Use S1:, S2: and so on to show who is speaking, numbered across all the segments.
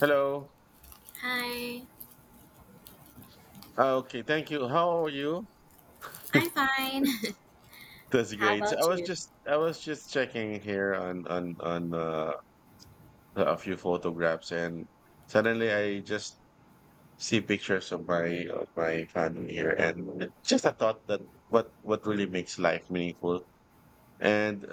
S1: Hello.
S2: Hi,
S1: Okay, thank you. How are you?
S2: I'm fine.
S1: That's
S2: How
S1: great. So I
S2: about
S1: was
S2: you?
S1: just I was just checking here on a few photographs, and suddenly I just see pictures of my family here, and just a thought that what really makes life meaningful. And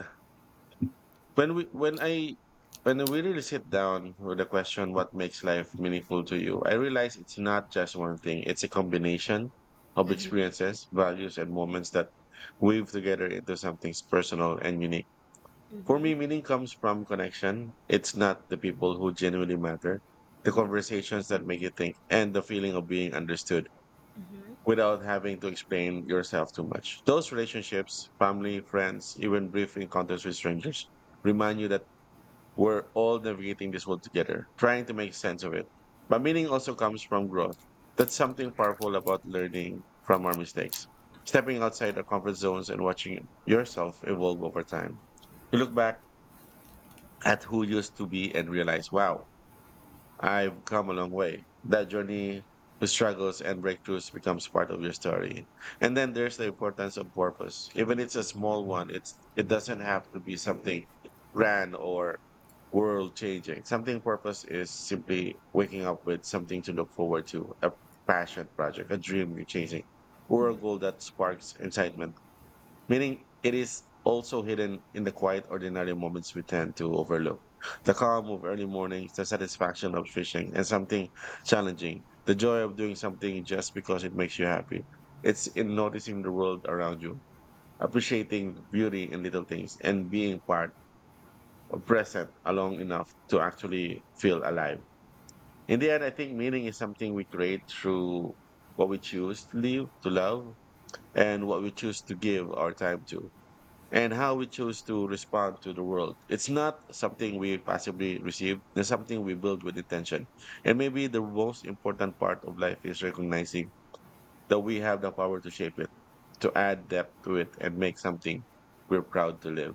S1: When we when I when we really sit down with the question what makes life meaningful to you, I realize it's not just one thing. It's a combination of
S2: Hmm.
S1: experiences, values, and moments that weave together into something personal and unique. For
S2: Mm-hmm,
S1: me, meaning comes from connection. It's not the people who genuinely matter, the conversations that make you think, and the feeling of being understood
S2: mm-hmm,
S1: without having to explain yourself too much. Those relationships, family, friends, even brief encounters with strangers, remind you that we're all navigating this world together, trying to make sense of it. But meaning also comes from growth. That's something powerful about learning from our mistakes, stepping outside our comfort zones and watching yourself evolve over time. You look back at who you used to be and realize, wow, I've come a long way. That journey, the struggles and breakthroughs becomes part of your story. And then there's the importance of purpose. Even it's a small one, it doesn't have to be something grand or world changing. Something purpose is simply waking up with something to look forward to, a passion project, a dream you're chasing, or a goal that sparks excitement meaning it is also hidden in the quiet, ordinary moments we tend to overlook. The calm of early mornings, the satisfaction of fishing, and something challenging, the joy of doing something just because it makes you happy. It's in noticing the world around you, appreciating the beauty in little things, and being part or present along enough to actually feel alive. In the end, I think meaning is something we create through what we choose to live, to love, and what we choose to give our time to and how we choose to respond to the world. It's not something we passively receive, it's something we build with intention. And maybe the most important part of life is recognizing that we have the power to shape it, to add depth to it, and make something we're proud to live.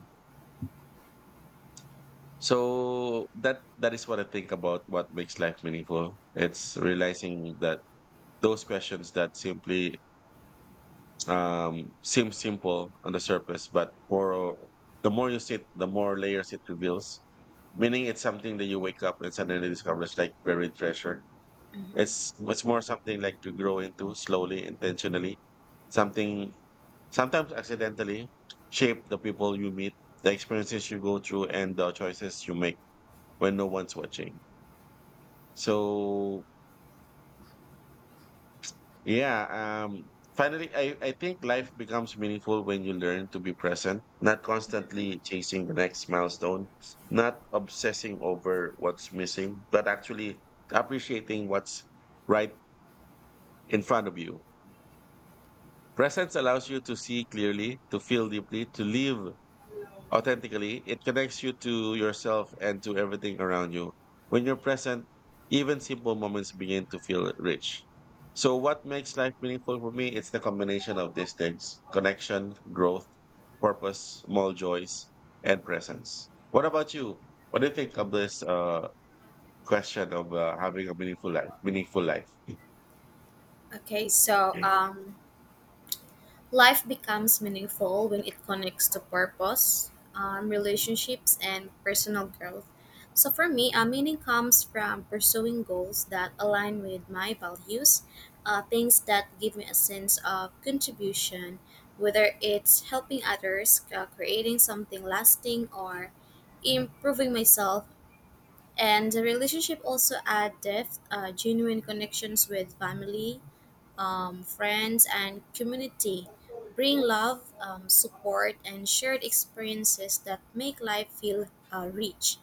S1: So that is what I think about what makes life meaningful. It's realizing that those questions that simply seems simple on the surface but for the more you sit the more layers it reveals meaning it's something that you wake up and suddenly discover it's like buried treasure
S2: mm-hmm.
S1: it's more something like to grow into slowly intentionally something sometimes accidentally shape the people you meet the experiences you go through and the choices you make when no one's watching so yeah. Finally, I think life becomes meaningful when you learn to be present, not
S2: Hmm.
S1: constantly chasing the next milestone, not obsessing over what's missing, but actually appreciating what's right in front of you. Presence allows you to see clearly, to feel deeply, to live authentically, it connects you to yourself and to everything around you. When you're present, even simple moments begin to feel rich. So, what makes life meaningful for me? It's the combination of these things connection, growth, purpose, small joys, and presence. What about you? What do you think of this question of having a meaningful life? Meaningful life.
S2: Okay, so um, Life becomes meaningful when it connects to purpose, relationships, and personal growth. So for me, meaning comes from pursuing goals that align with my values, things that give me a sense of contribution, whether it's helping others, creating something lasting, or improving myself, and the relationship also add depth, genuine connections with family, friends and community bring love, support and shared experiences that make life feel rich.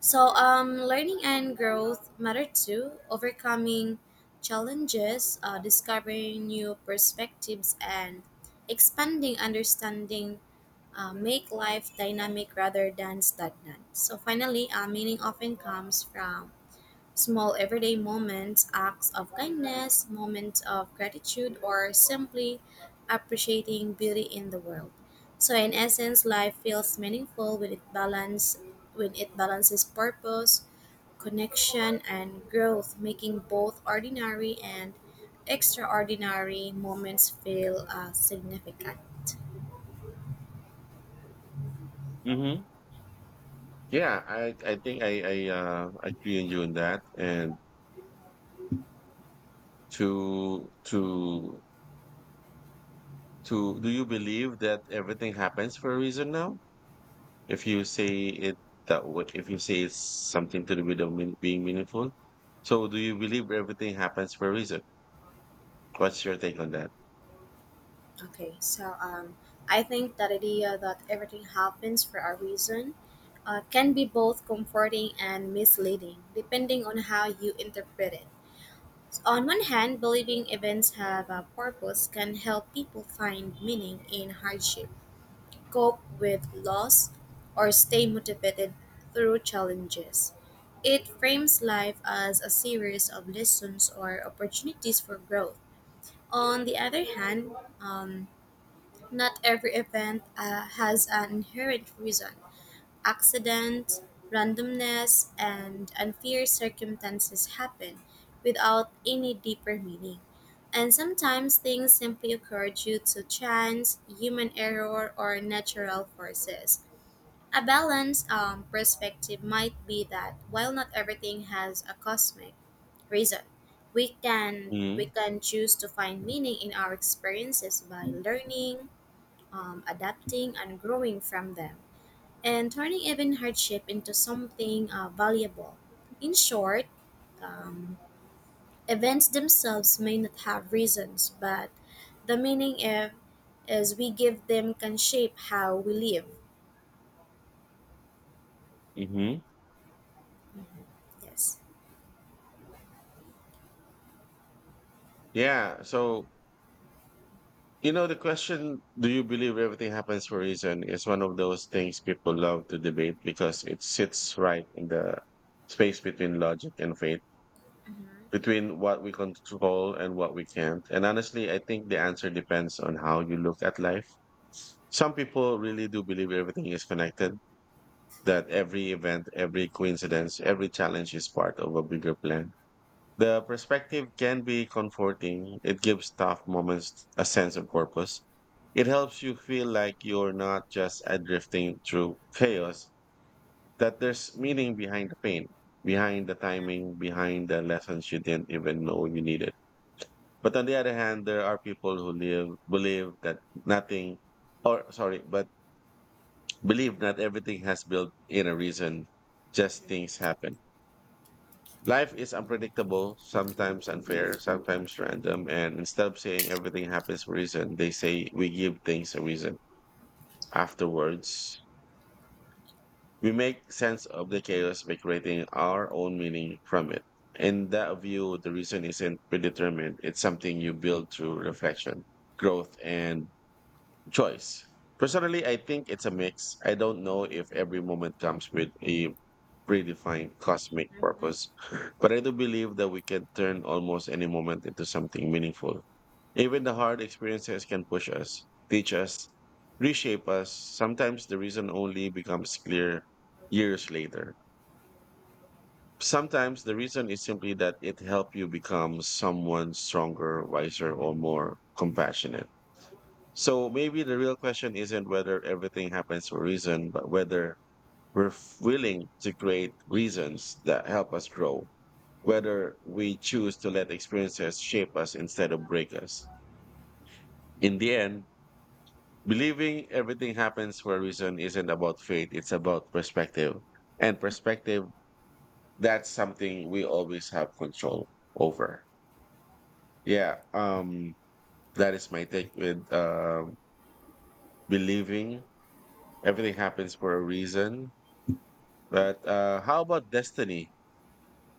S2: So learning and growth matter too, overcoming challenges, discovering new perspectives and expanding understanding make life dynamic rather than stagnant. So finally, meaning often comes from small everyday moments, acts of kindness, moments of gratitude, or simply appreciating beauty in the world. So in essence, life feels meaningful when it balances purpose, connection, and growth, making both ordinary and extraordinary moments feel significant.
S1: Mm-hmm. Yeah, I think I agree on you on that. And to to to do you believe that everything happens for a reason now? If you say it that way, if you say it's something to do with the being meaningful, so do you believe everything happens for a reason? What's your take on that?
S2: Okay, so um, I think that idea that everything happens for a reason can be both comforting and misleading, depending on how you interpret it. On one hand, believing events have a purpose can help people find meaning in hardship, cope with loss, or stay motivated through challenges. It frames life as a series of lessons or opportunities for growth. On the other hand, um, not every event has an inherent reason. Accidents, randomness, and unfair circumstances happen without any deeper meaning. And sometimes things simply occur due to chance, human error, or natural forces. A balanced perspective might be that while not everything has a cosmic reason. We can we
S1: Mm-hmm.
S2: can choose to find meaning in our experiences by learning, adapting and growing from them, and turning even hardship into something valuable. In short, um, events themselves may not have reasons, but the meaning, if, as we give them can shape how we live.
S1: Hmm.
S2: Yes.
S1: Yeah. So you know the question, do you believe everything happens for a reason? Is one of those things people love to debate because it sits right in the space between logic and faith
S2: Mm-hmm.
S1: between what we control and what we can't. And honestly, I think the answer depends on how you look at life. Some people really do believe everything is connected, that every event, every coincidence, every challenge is part of a bigger plan. The perspective can be comforting. It gives tough moments a sense of purpose. It helps you feel like you're not just adrifting through chaos, that there's meaning behind the pain, behind the timing, behind the lessons you didn't even know you needed. But on the other hand, there are people who live believe that nothing, or sorry, but believe not everything has built in a reason. Just things happen. Life is unpredictable, sometimes unfair, sometimes random. And instead of saying everything happens for a reason, they say we give things a reason. Afterwards, we make sense of the chaos by creating our own meaning from it. In that view, the reason isn't predetermined. It's something you build through reflection, growth, and choice. Personally, I think it's a mix. I don't know if every moment comes with a predefined cosmic
S2: Mm-hmm.
S1: purpose, but I do believe that we can turn almost any moment into something meaningful. Even the hard experiences can push us, teach us, reshape us. Sometimes the reason only becomes clear years later. Sometimes the reason is simply that it helped you become someone stronger, wiser, or more compassionate. So maybe the real question isn't whether everything happens for a reason, but whether willing to create reasons that help us grow, whether we choose to let experiences shape us instead of break us. In the end, believing everything happens for a reason isn't about fate, it's about perspective. And perspective, that's something we always have control over. Yeah, that is my take with believing everything happens for a reason. But how about destiny?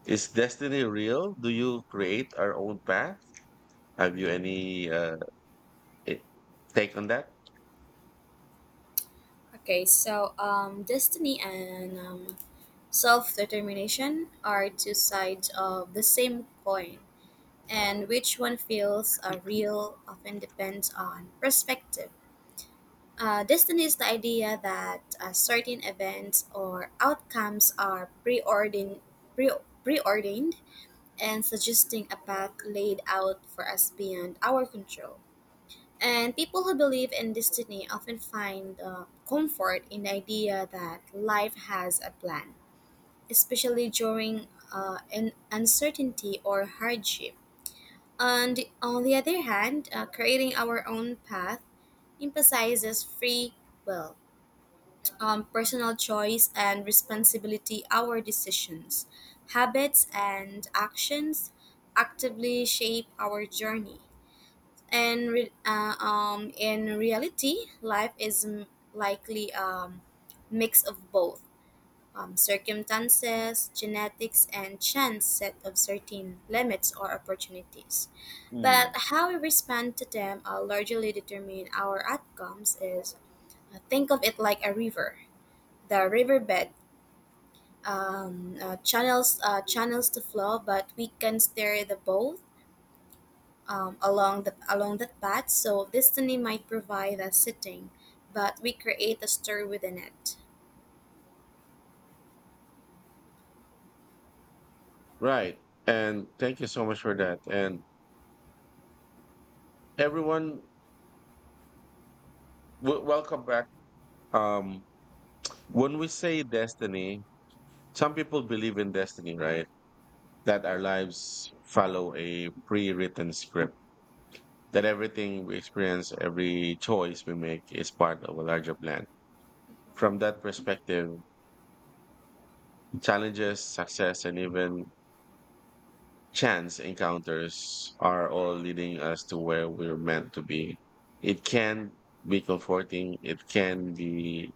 S1: Is destiny real? Do you create our own path? Have you any i- take on that?
S2: Destiny and self determination are two sides of the same coin, and which one feels real often depends on perspective. Destiny is the idea that certain events or outcomes are preordained and suggesting a path laid out for us beyond our control. And people who believe in destiny often find comfort in the idea that life has a plan, especially during an uncertainty or hardship. And on the other hand, creating our own path emphasizes free will, personal choice, and responsibility. Our decisions, habits, and actions actively shape our journey. In reality, likely a mix of both, circumstances, genetics, and chance set of certain limits or opportunities. But
S1: Mm.
S2: how we respond to them largely determine our outcomes is Think of it like a river. The riverbed, channels the flow, but we can steer the boat along that path. So destiny might provide a setting, but we create a story within it.
S1: Right. And thank you so much for that. And everyone, welcome back. Um, when we say destiny, some people believe in destiny, right? That our lives follow a pre-written script, that everything we experience, every choice we make is part of a larger plan. From that perspective, challenges, success, and even chance encounters are all leading us to where we're meant to be. It can be comforting, it can be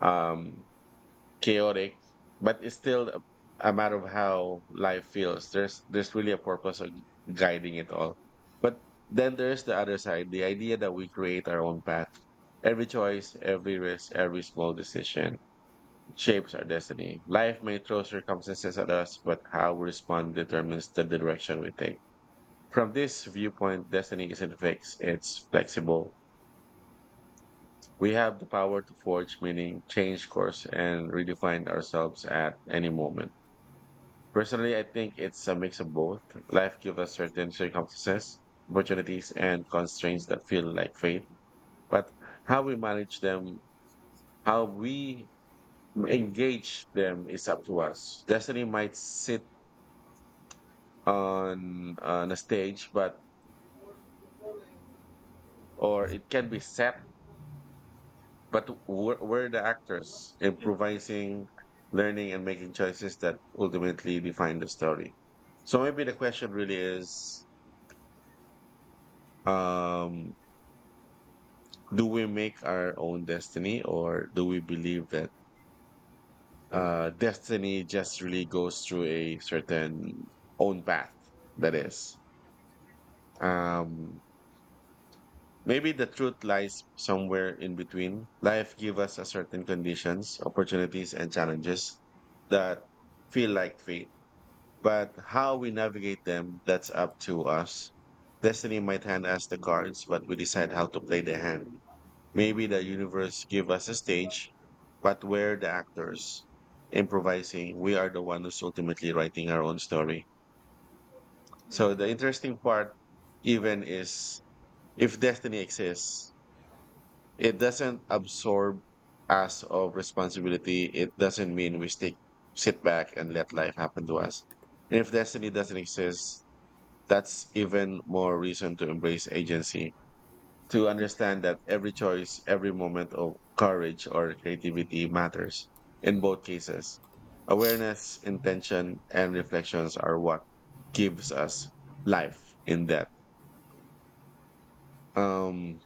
S1: um, chaotic, but it's still a matter of how life feels. There's really a purpose of guiding it all. But then there's the other side, the idea that we create our own path. Every choice, every risk, every small decision shapes our destiny. Life may throw circumstances at us, but how we respond determines the direction we take. From this viewpoint, destiny isn't fixed, it's flexible. We have the power to forge meaning, change course, and redefine ourselves at any moment. Personally, I think it's a mix of both. Life gives us certain circumstances, opportunities, and constraints that feel like fate, but how we manage them, how we engage them is up to us. Destiny might sit on a stage, but or it can be set. But we're the actors improvising, learning, and making choices that ultimately define the story. So maybe the question really is: um, do we make our own destiny, or do we believe that destiny just really goes through a certain own path? That is. Um, Maybe the truth lies somewhere in between. Life gives us a certain conditions, opportunities, and challenges that feel like fate. But how we navigate them, that's up to us. Destiny might hand us the cards, but we decide how to play the hand. Maybe the universe give us a stage, but we're, the actors improvising. We are the one who's ultimately writing our own story. So
S2: Mhm.
S1: the interesting part even is if destiny exists, it doesn't absorb us of responsibility. It doesn't mean we stick, sit back and let life happen to us. And if destiny doesn't exist, that's even more reason to embrace agency, to understand that every choice, every moment of courage or creativity matters in both cases. Awareness, intention, and reflections are what gives us life in that. Um,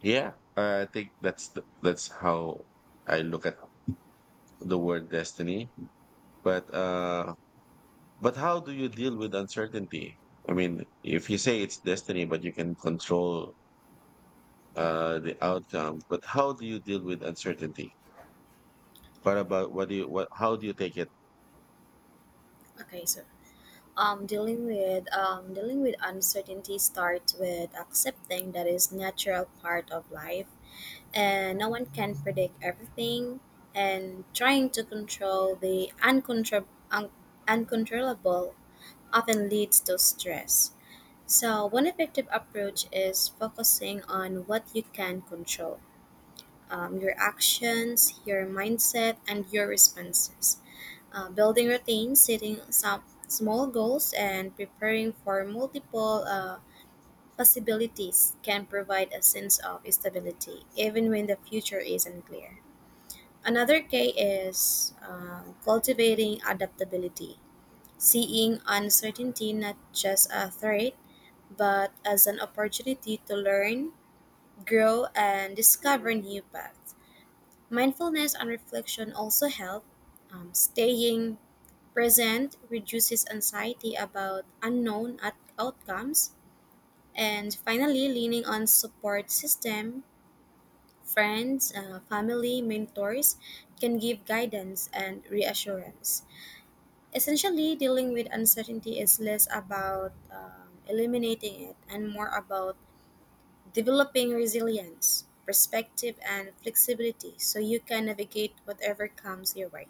S1: yeah, I think that's that's how I look at the word destiny. But uh, but how do you deal with uncertainty? I mean, if you say it's destiny, but you can control the outcome, but how do you deal with uncertainty? What about what do you what? How do you take it?
S2: Okay, so Dealing with uncertainty starts with accepting that is natural part of life, and no one can predict everything, and trying to control the un- uncontrollable often leads to stress. So one effective approach is focusing on what you can control, your actions, your mindset, and your responses. Building routines, setting some small goals, and preparing for multiple possibilities can provide a sense of stability, even when the future is unclear. Another key is cultivating adaptability, seeing uncertainty not just a threat, but as an opportunity to learn, grow, and discover new paths. Mindfulness and reflection also help staying present, reduces anxiety about outcomes. And finally, leaning on support system, friends, family, mentors can give guidance and reassurance. Essentially, dealing with uncertainty is less about eliminating it and more about developing resilience, perspective, and flexibility so you can navigate whatever comes your way.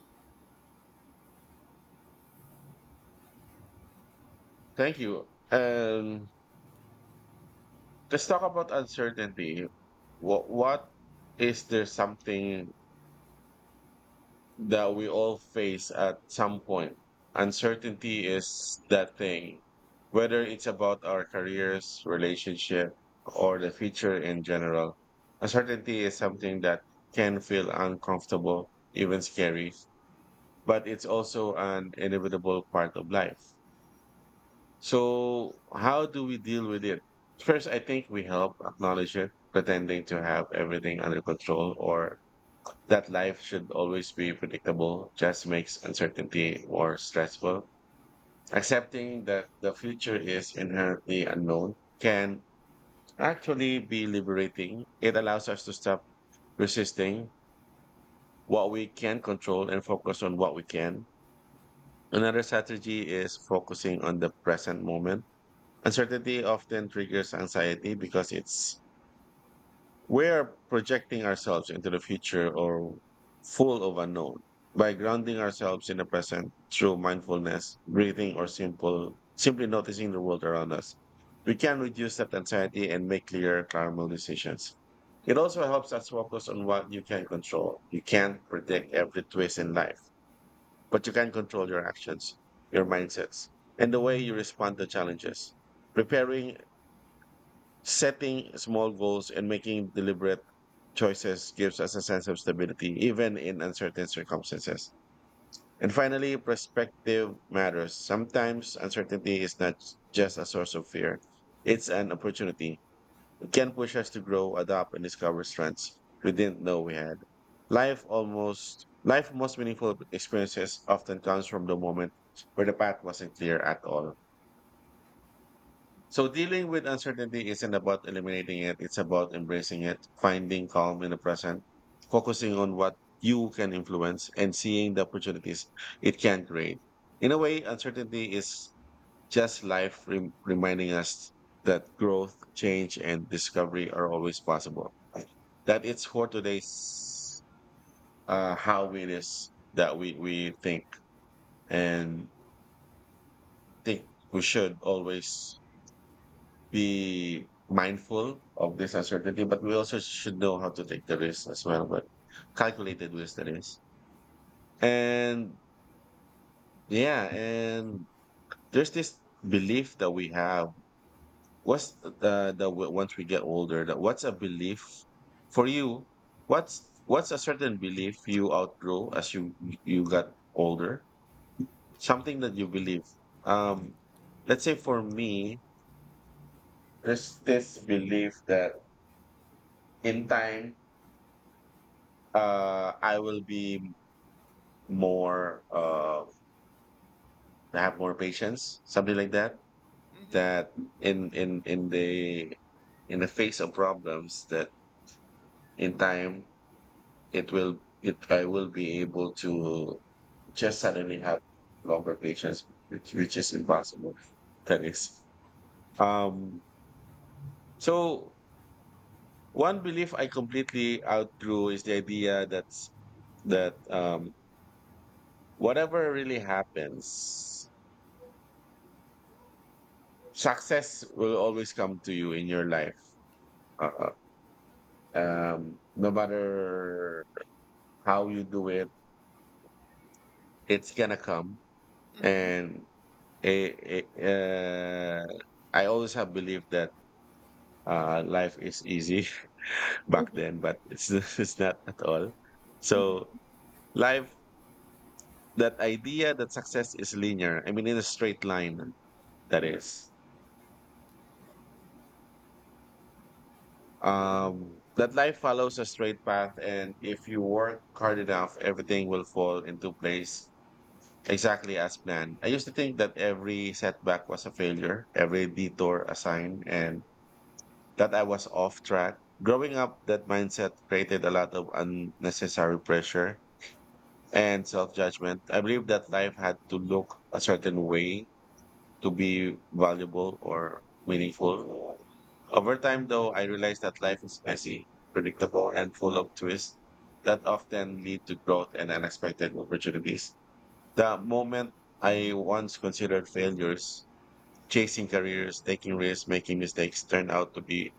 S1: Thank you. Let's talk about uncertainty. What is there something that we all face at some point. Uncertainty is that thing, whether it's about our careers, relationship, or the future in general. Uncertainty is something that can feel uncomfortable, even scary, but it's also an inevitable part of life. So, how do we deal with it? First, I think we help acknowledge it, pretending to have everything under control or that life should always be predictable just makes uncertainty more stressful. Accepting that the future is inherently unknown can actually be liberating. It allows us to stop resisting what we can control and focus on what we can. Another strategy is focusing on the present moment. Uncertainty often triggers anxiety because it's we're projecting ourselves into the future or full of unknown by grounding ourselves in the present through mindfulness, breathing, or simple simply noticing the world around us. We can reduce that anxiety and make clearer, calmer decisions. It also helps us focus on what you can control. You can't predict every twist in life, but you can control your actions, your mindsets, and the way you respond to challenges. Preparing, setting small goals, and making deliberate choices gives us a sense of stability, even in uncertain circumstances. And finally, perspective matters. Sometimes uncertainty is not just a source of fear, it's an opportunity. It can push us to grow, adapt, and discover strengths we didn't know we had. Life most meaningful experiences often comes from the moment where the path wasn't clear at all. So dealing with uncertainty isn't about eliminating it, it's about embracing it, finding calm in the present, focusing on what you can influence and seeing the opportunities it can create. In a way, uncertainty is just life reminding us that growth, change, and discovery are always possible. That it's for today's how it is that we think and think we should always be mindful of this uncertainty, but we also should know how to take the risk as well, but calculated risk that is. And yeah, and there's this belief that we have. What's once we get older, that what's a belief for you? What's a certain belief you outgrow as you you got older? Something that you believe. Um, let's say for me, there's this belief that in time, I will be more, have more patience, something like that. That in in in the in the face of problems, that in time it will it I will be able to just suddenly have longer patience, which is impossible. That is. Um, so one belief I completely outgrew is the idea that whatever really happens success will always come to you in your life. Uh, no matter how you do it, it's gonna come.
S2: Mm-hmm.
S1: And it, uh, I always have believed that life is easy back
S2: Mhm.
S1: then, but it's it's not at all. So
S2: Mm-hmm.
S1: life, that idea that success is linear. I mean, in a straight line. That is. That life follows a straight path, and if you work hard enough, everything will fall into place exactly as planned. I used to think that every setback was a failure, every detour a sign, and that I was off track. Growing up, that mindset created a lot of unnecessary pressure and self judgment. I believed that life had to look a certain way to be valuable or meaningful. Over time, though, I realized that life is messy, predictable, and full of twists that often lead to growth and unexpected opportunities. The moment I once considered failures, chasing careers, taking risks, making mistakes turned out to be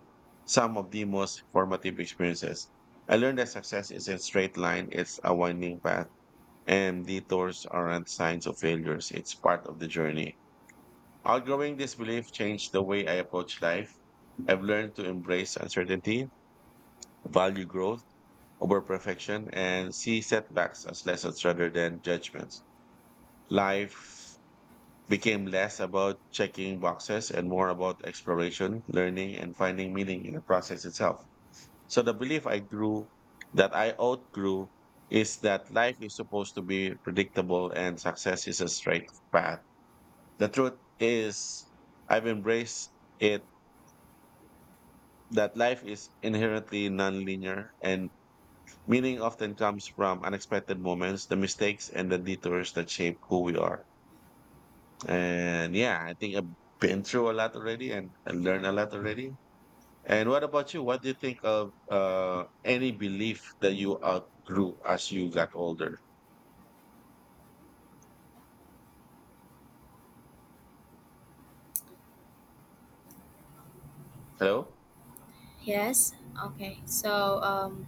S1: some of the most formative experiences. I learned that success is a straight line, it's a winding path, and detours aren't signs of failures. It's part of the journey. Outgrowing this belief changed the way I approach life. I've learned to embrace uncertainty, value growth over perfection, and see setbacks as lessons rather than judgments. Life became less about checking boxes and more about exploration, learning, and finding meaning in the process itself. So the belief I grew that I outgrew is that life is supposed to be predictable and success is a straight path. The truth is I've embraced it that life is inherently nonlinear and meaning often comes from unexpected moments, the mistakes and the detours that shape who we are. And yeah, I think I've been through a lot already and I learned a lot already. And what about you? What do you think of any belief that you outgrew as you got older? Hello?
S2: Yes. Okay. Um,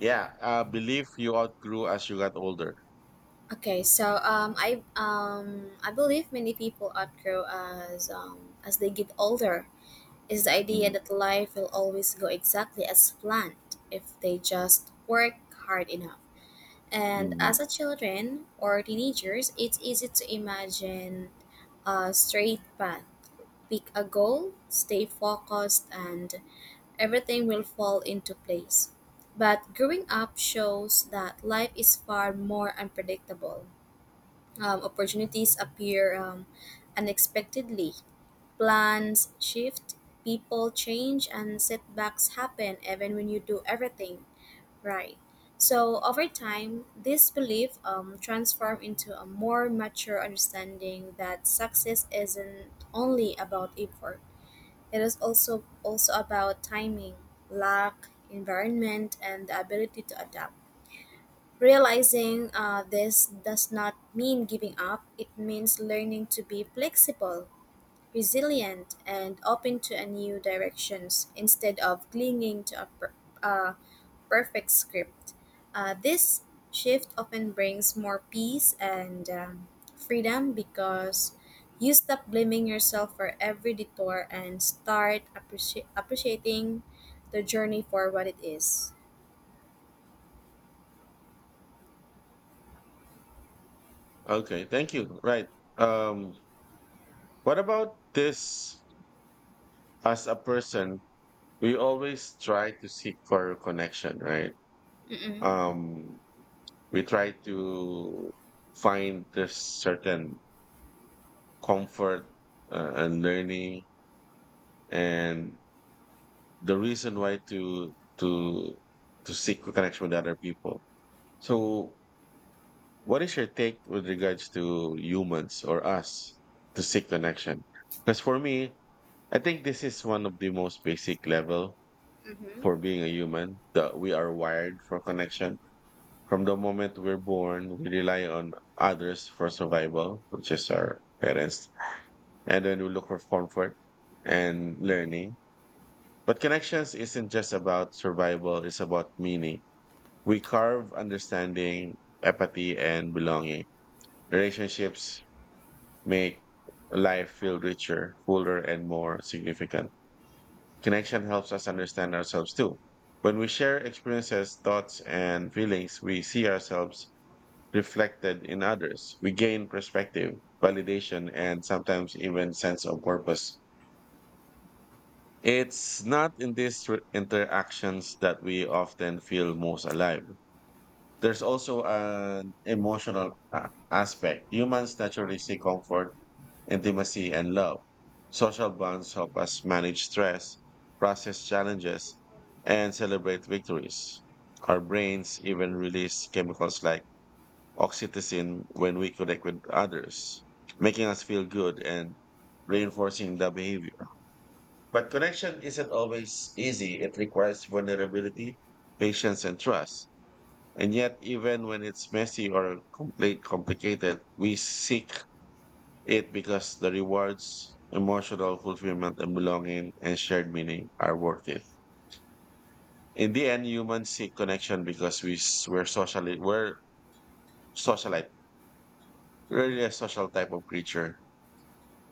S1: Yeah, belief you outgrew as you got older.
S2: Okay, so, I believe many people outgrow as they get older is the idea
S1: Mm,
S2: that life will always go exactly as planned if they just work hard enough. And
S1: mhm.
S2: as a children or teenagers, it's easy to imagine a straight path, pick a goal, stay focused, and everything will fall into place. But growing up shows that life is far more unpredictable. Opportunities appear unexpectedly. Plans shift, people change, and setbacks happen even when you do everything right. So, over time, this belief transforms into a more mature understanding that success isn't only about effort, it is also about timing, luck, environment, and the ability to adapt. Realizing this does not mean giving up, it means learning to be flexible, resilient, and open to a new directions instead of clinging to a uh, perfect script. This shift often brings more peace and freedom because you stop blaming yourself for every detour and start appreciating the journey for what it is.
S1: Okay, thank you. Right. Um, what about this as a person? We always try to seek for a connection, right?
S2: Mm-mm.
S1: Um, we try to find this certain comfort and learning, and the reason why to seek a connection with other people. So, what is your take with regards to humans or us to seek connection? Because for me, I think this is one of the most basic level
S2: Mm-hmm.
S1: for being a human that we are wired for connection. From the moment we're born, we rely on others for survival, which is our parents. And then we look for comfort and learning. But connections isn't just about survival, it's about meaning. We carve understanding, empathy, and belonging. Relationships make life feel richer, fuller, and more significant. Connection helps us understand ourselves too. When we share experiences, thoughts, and feelings, we see ourselves reflected in others. We gain perspective, validation, and sometimes even sense of purpose. It's not in these interactions that we often feel most alive. There's also an emotional aspect. Humans naturally seek comfort, intimacy, and love. Social bonds help us manage stress, process challenges, and celebrate victories. Our brains even release chemicals like oxytocin when we connect with others, making us feel good and reinforcing the behavior. But connection isn't always easy. It requires vulnerability, patience, and trust. And yet, even when it's messy or complicated, we seek it because the rewards, emotional fulfillment, and belonging and shared meaning are worth it. In the end, humans seek connection because we s- we're socially we're socialite, really a social type of creature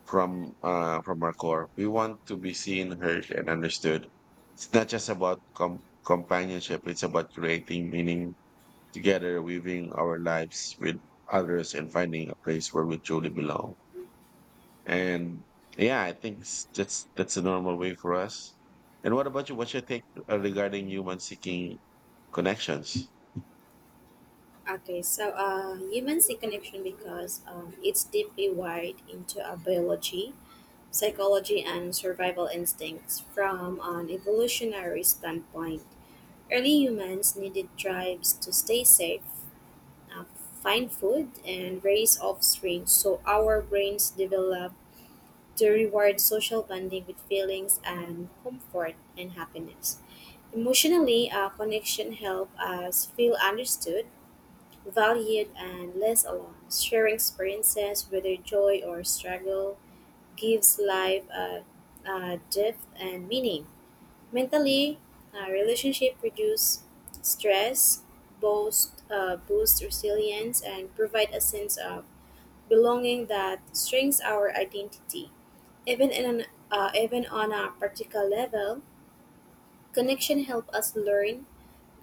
S1: from our core. We want to be seen, heard, and understood. It's not just about companionship. It's about creating meaning together, weaving our lives with others, and finding a place where we truly belong. And yeah, I think that's a normal way for us. And what about you? What's your take regarding human seeking connections?
S2: Humans see connection because it's deeply wired into our biology, psychology, and survival instincts from an evolutionary standpoint. Early humans needed tribes to stay safe, uh, find food, and raise offspring, so our brains developed to reward social bonding with feelings and comfort and happiness. Emotionally, connection help us feel understood, valued and less alone. Sharing experiences, whether joy or struggle, gives a depth and meaning. Mentally, a relationship reduce stress, boost resilience, and provide a sense of belonging that strengthens our identity. Even in an, Even on a practical level, connection help us learn,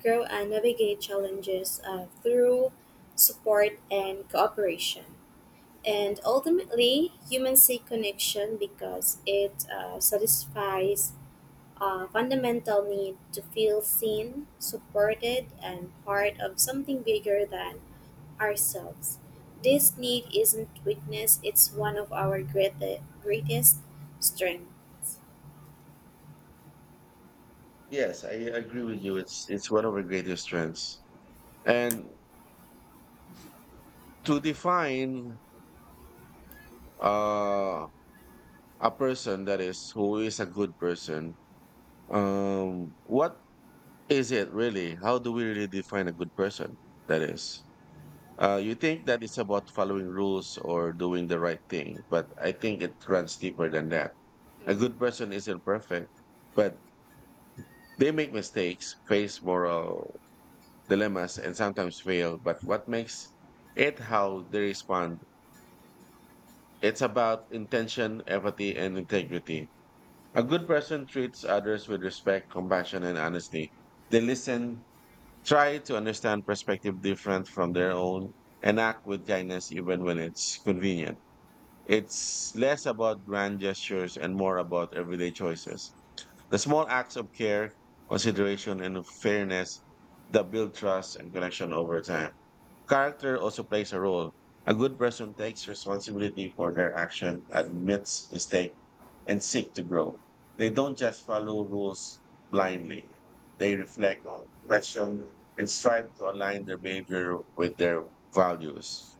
S2: grow and navigate challenges through support and cooperation. And ultimately, humans seek connection because it satisfies a fundamental need to feel seen, supported, and part of something bigger than ourselves. This need isn't weakness, it's one of our greatest strengths.
S1: Yes, I agree with you. It's one of our greatest strengths. And to define uh, a person that is who is a good person, what is it really? How do we really define a good person? That is. You think that it's about following rules or doing the right thing, but I think it runs deeper than that. A good
S2: Mm-hmm.
S1: person isn't perfect, but they make mistakes, face moral dilemmas, and sometimes fail. But what makes it how they respond? It's about intention, empathy, and integrity. A good person treats others with respect, compassion, and honesty. They listen, try to understand perspective different from their own, and act with kindness even when it's convenient. It's less about grand gestures and more about everyday choices. The small acts of care, consideration, and fairness that build trust and connection over time. Character also plays a role. A good person takes responsibility for their action, admits mistake, and seek to grow. They don't just follow rules blindly. They reflect on, question, and strive to align their behavior with their values.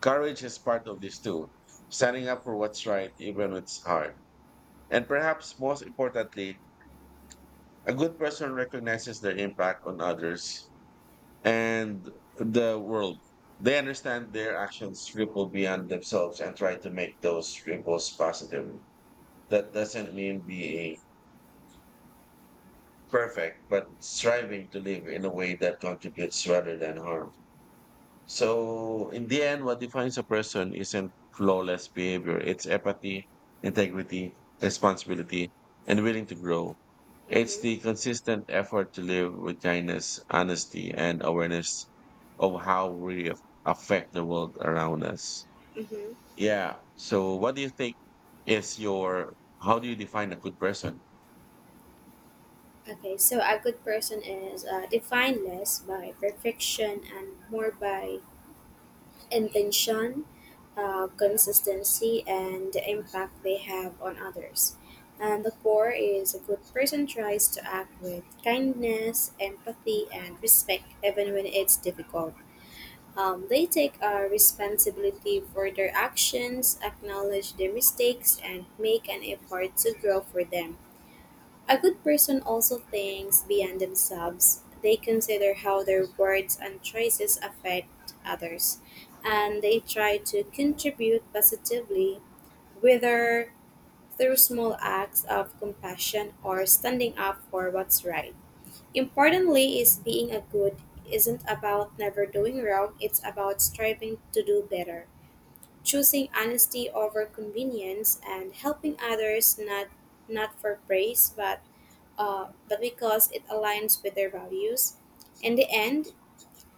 S1: Courage is part of this too, standing up for what's right, even when it's hard. And perhaps most importantly, a good person recognizes their impact on others and the world. They understand their actions ripple beyond themselves and try to make those ripples positive. That doesn't mean being perfect, but striving to live in a way that contributes rather than harm. So in the end, what defines a person isn't flawless behavior. It's empathy, integrity, responsibility, and willing to grow. It's
S2: Mm-hmm.
S1: the consistent effort to live with kindness, honesty, and awareness of how we affect the world around us.
S2: Mm-hmm.
S1: Yeah. So what do you think is your, how do you define a good person?
S2: A good person is defined less by perfection and more by intention, consistency, and the impact they have on others. And the core is a good person tries to act with kindness, empathy, and respect, even when it's difficult. They take responsibility for their actions, acknowledge their mistakes, and make an effort to grow for them. A good person also thinks beyond themselves. They consider how their words and choices affect others, and they try to contribute positively, whether through small acts of compassion or standing up for what's right. Importantly, is being a good isn't about never doing wrong, it's about striving to do better, choosing honesty over convenience and helping others not not for praise but because it aligns with their values. In the end,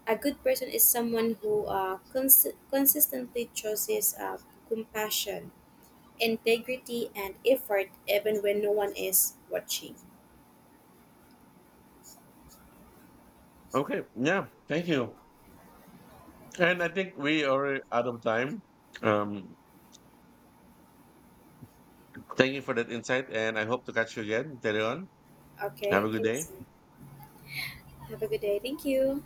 S2: a good person is someone who consistently chooses compassion, integrity, and effort even when no one is watching.
S1: Okay. Yeah. Thank you. And I think we are out of time. Um, Thank you for that insight, and I hope to catch you again later on. Have
S2: Okay,
S1: a good
S2: okay,
S1: day.
S2: so have a good day. Thank you.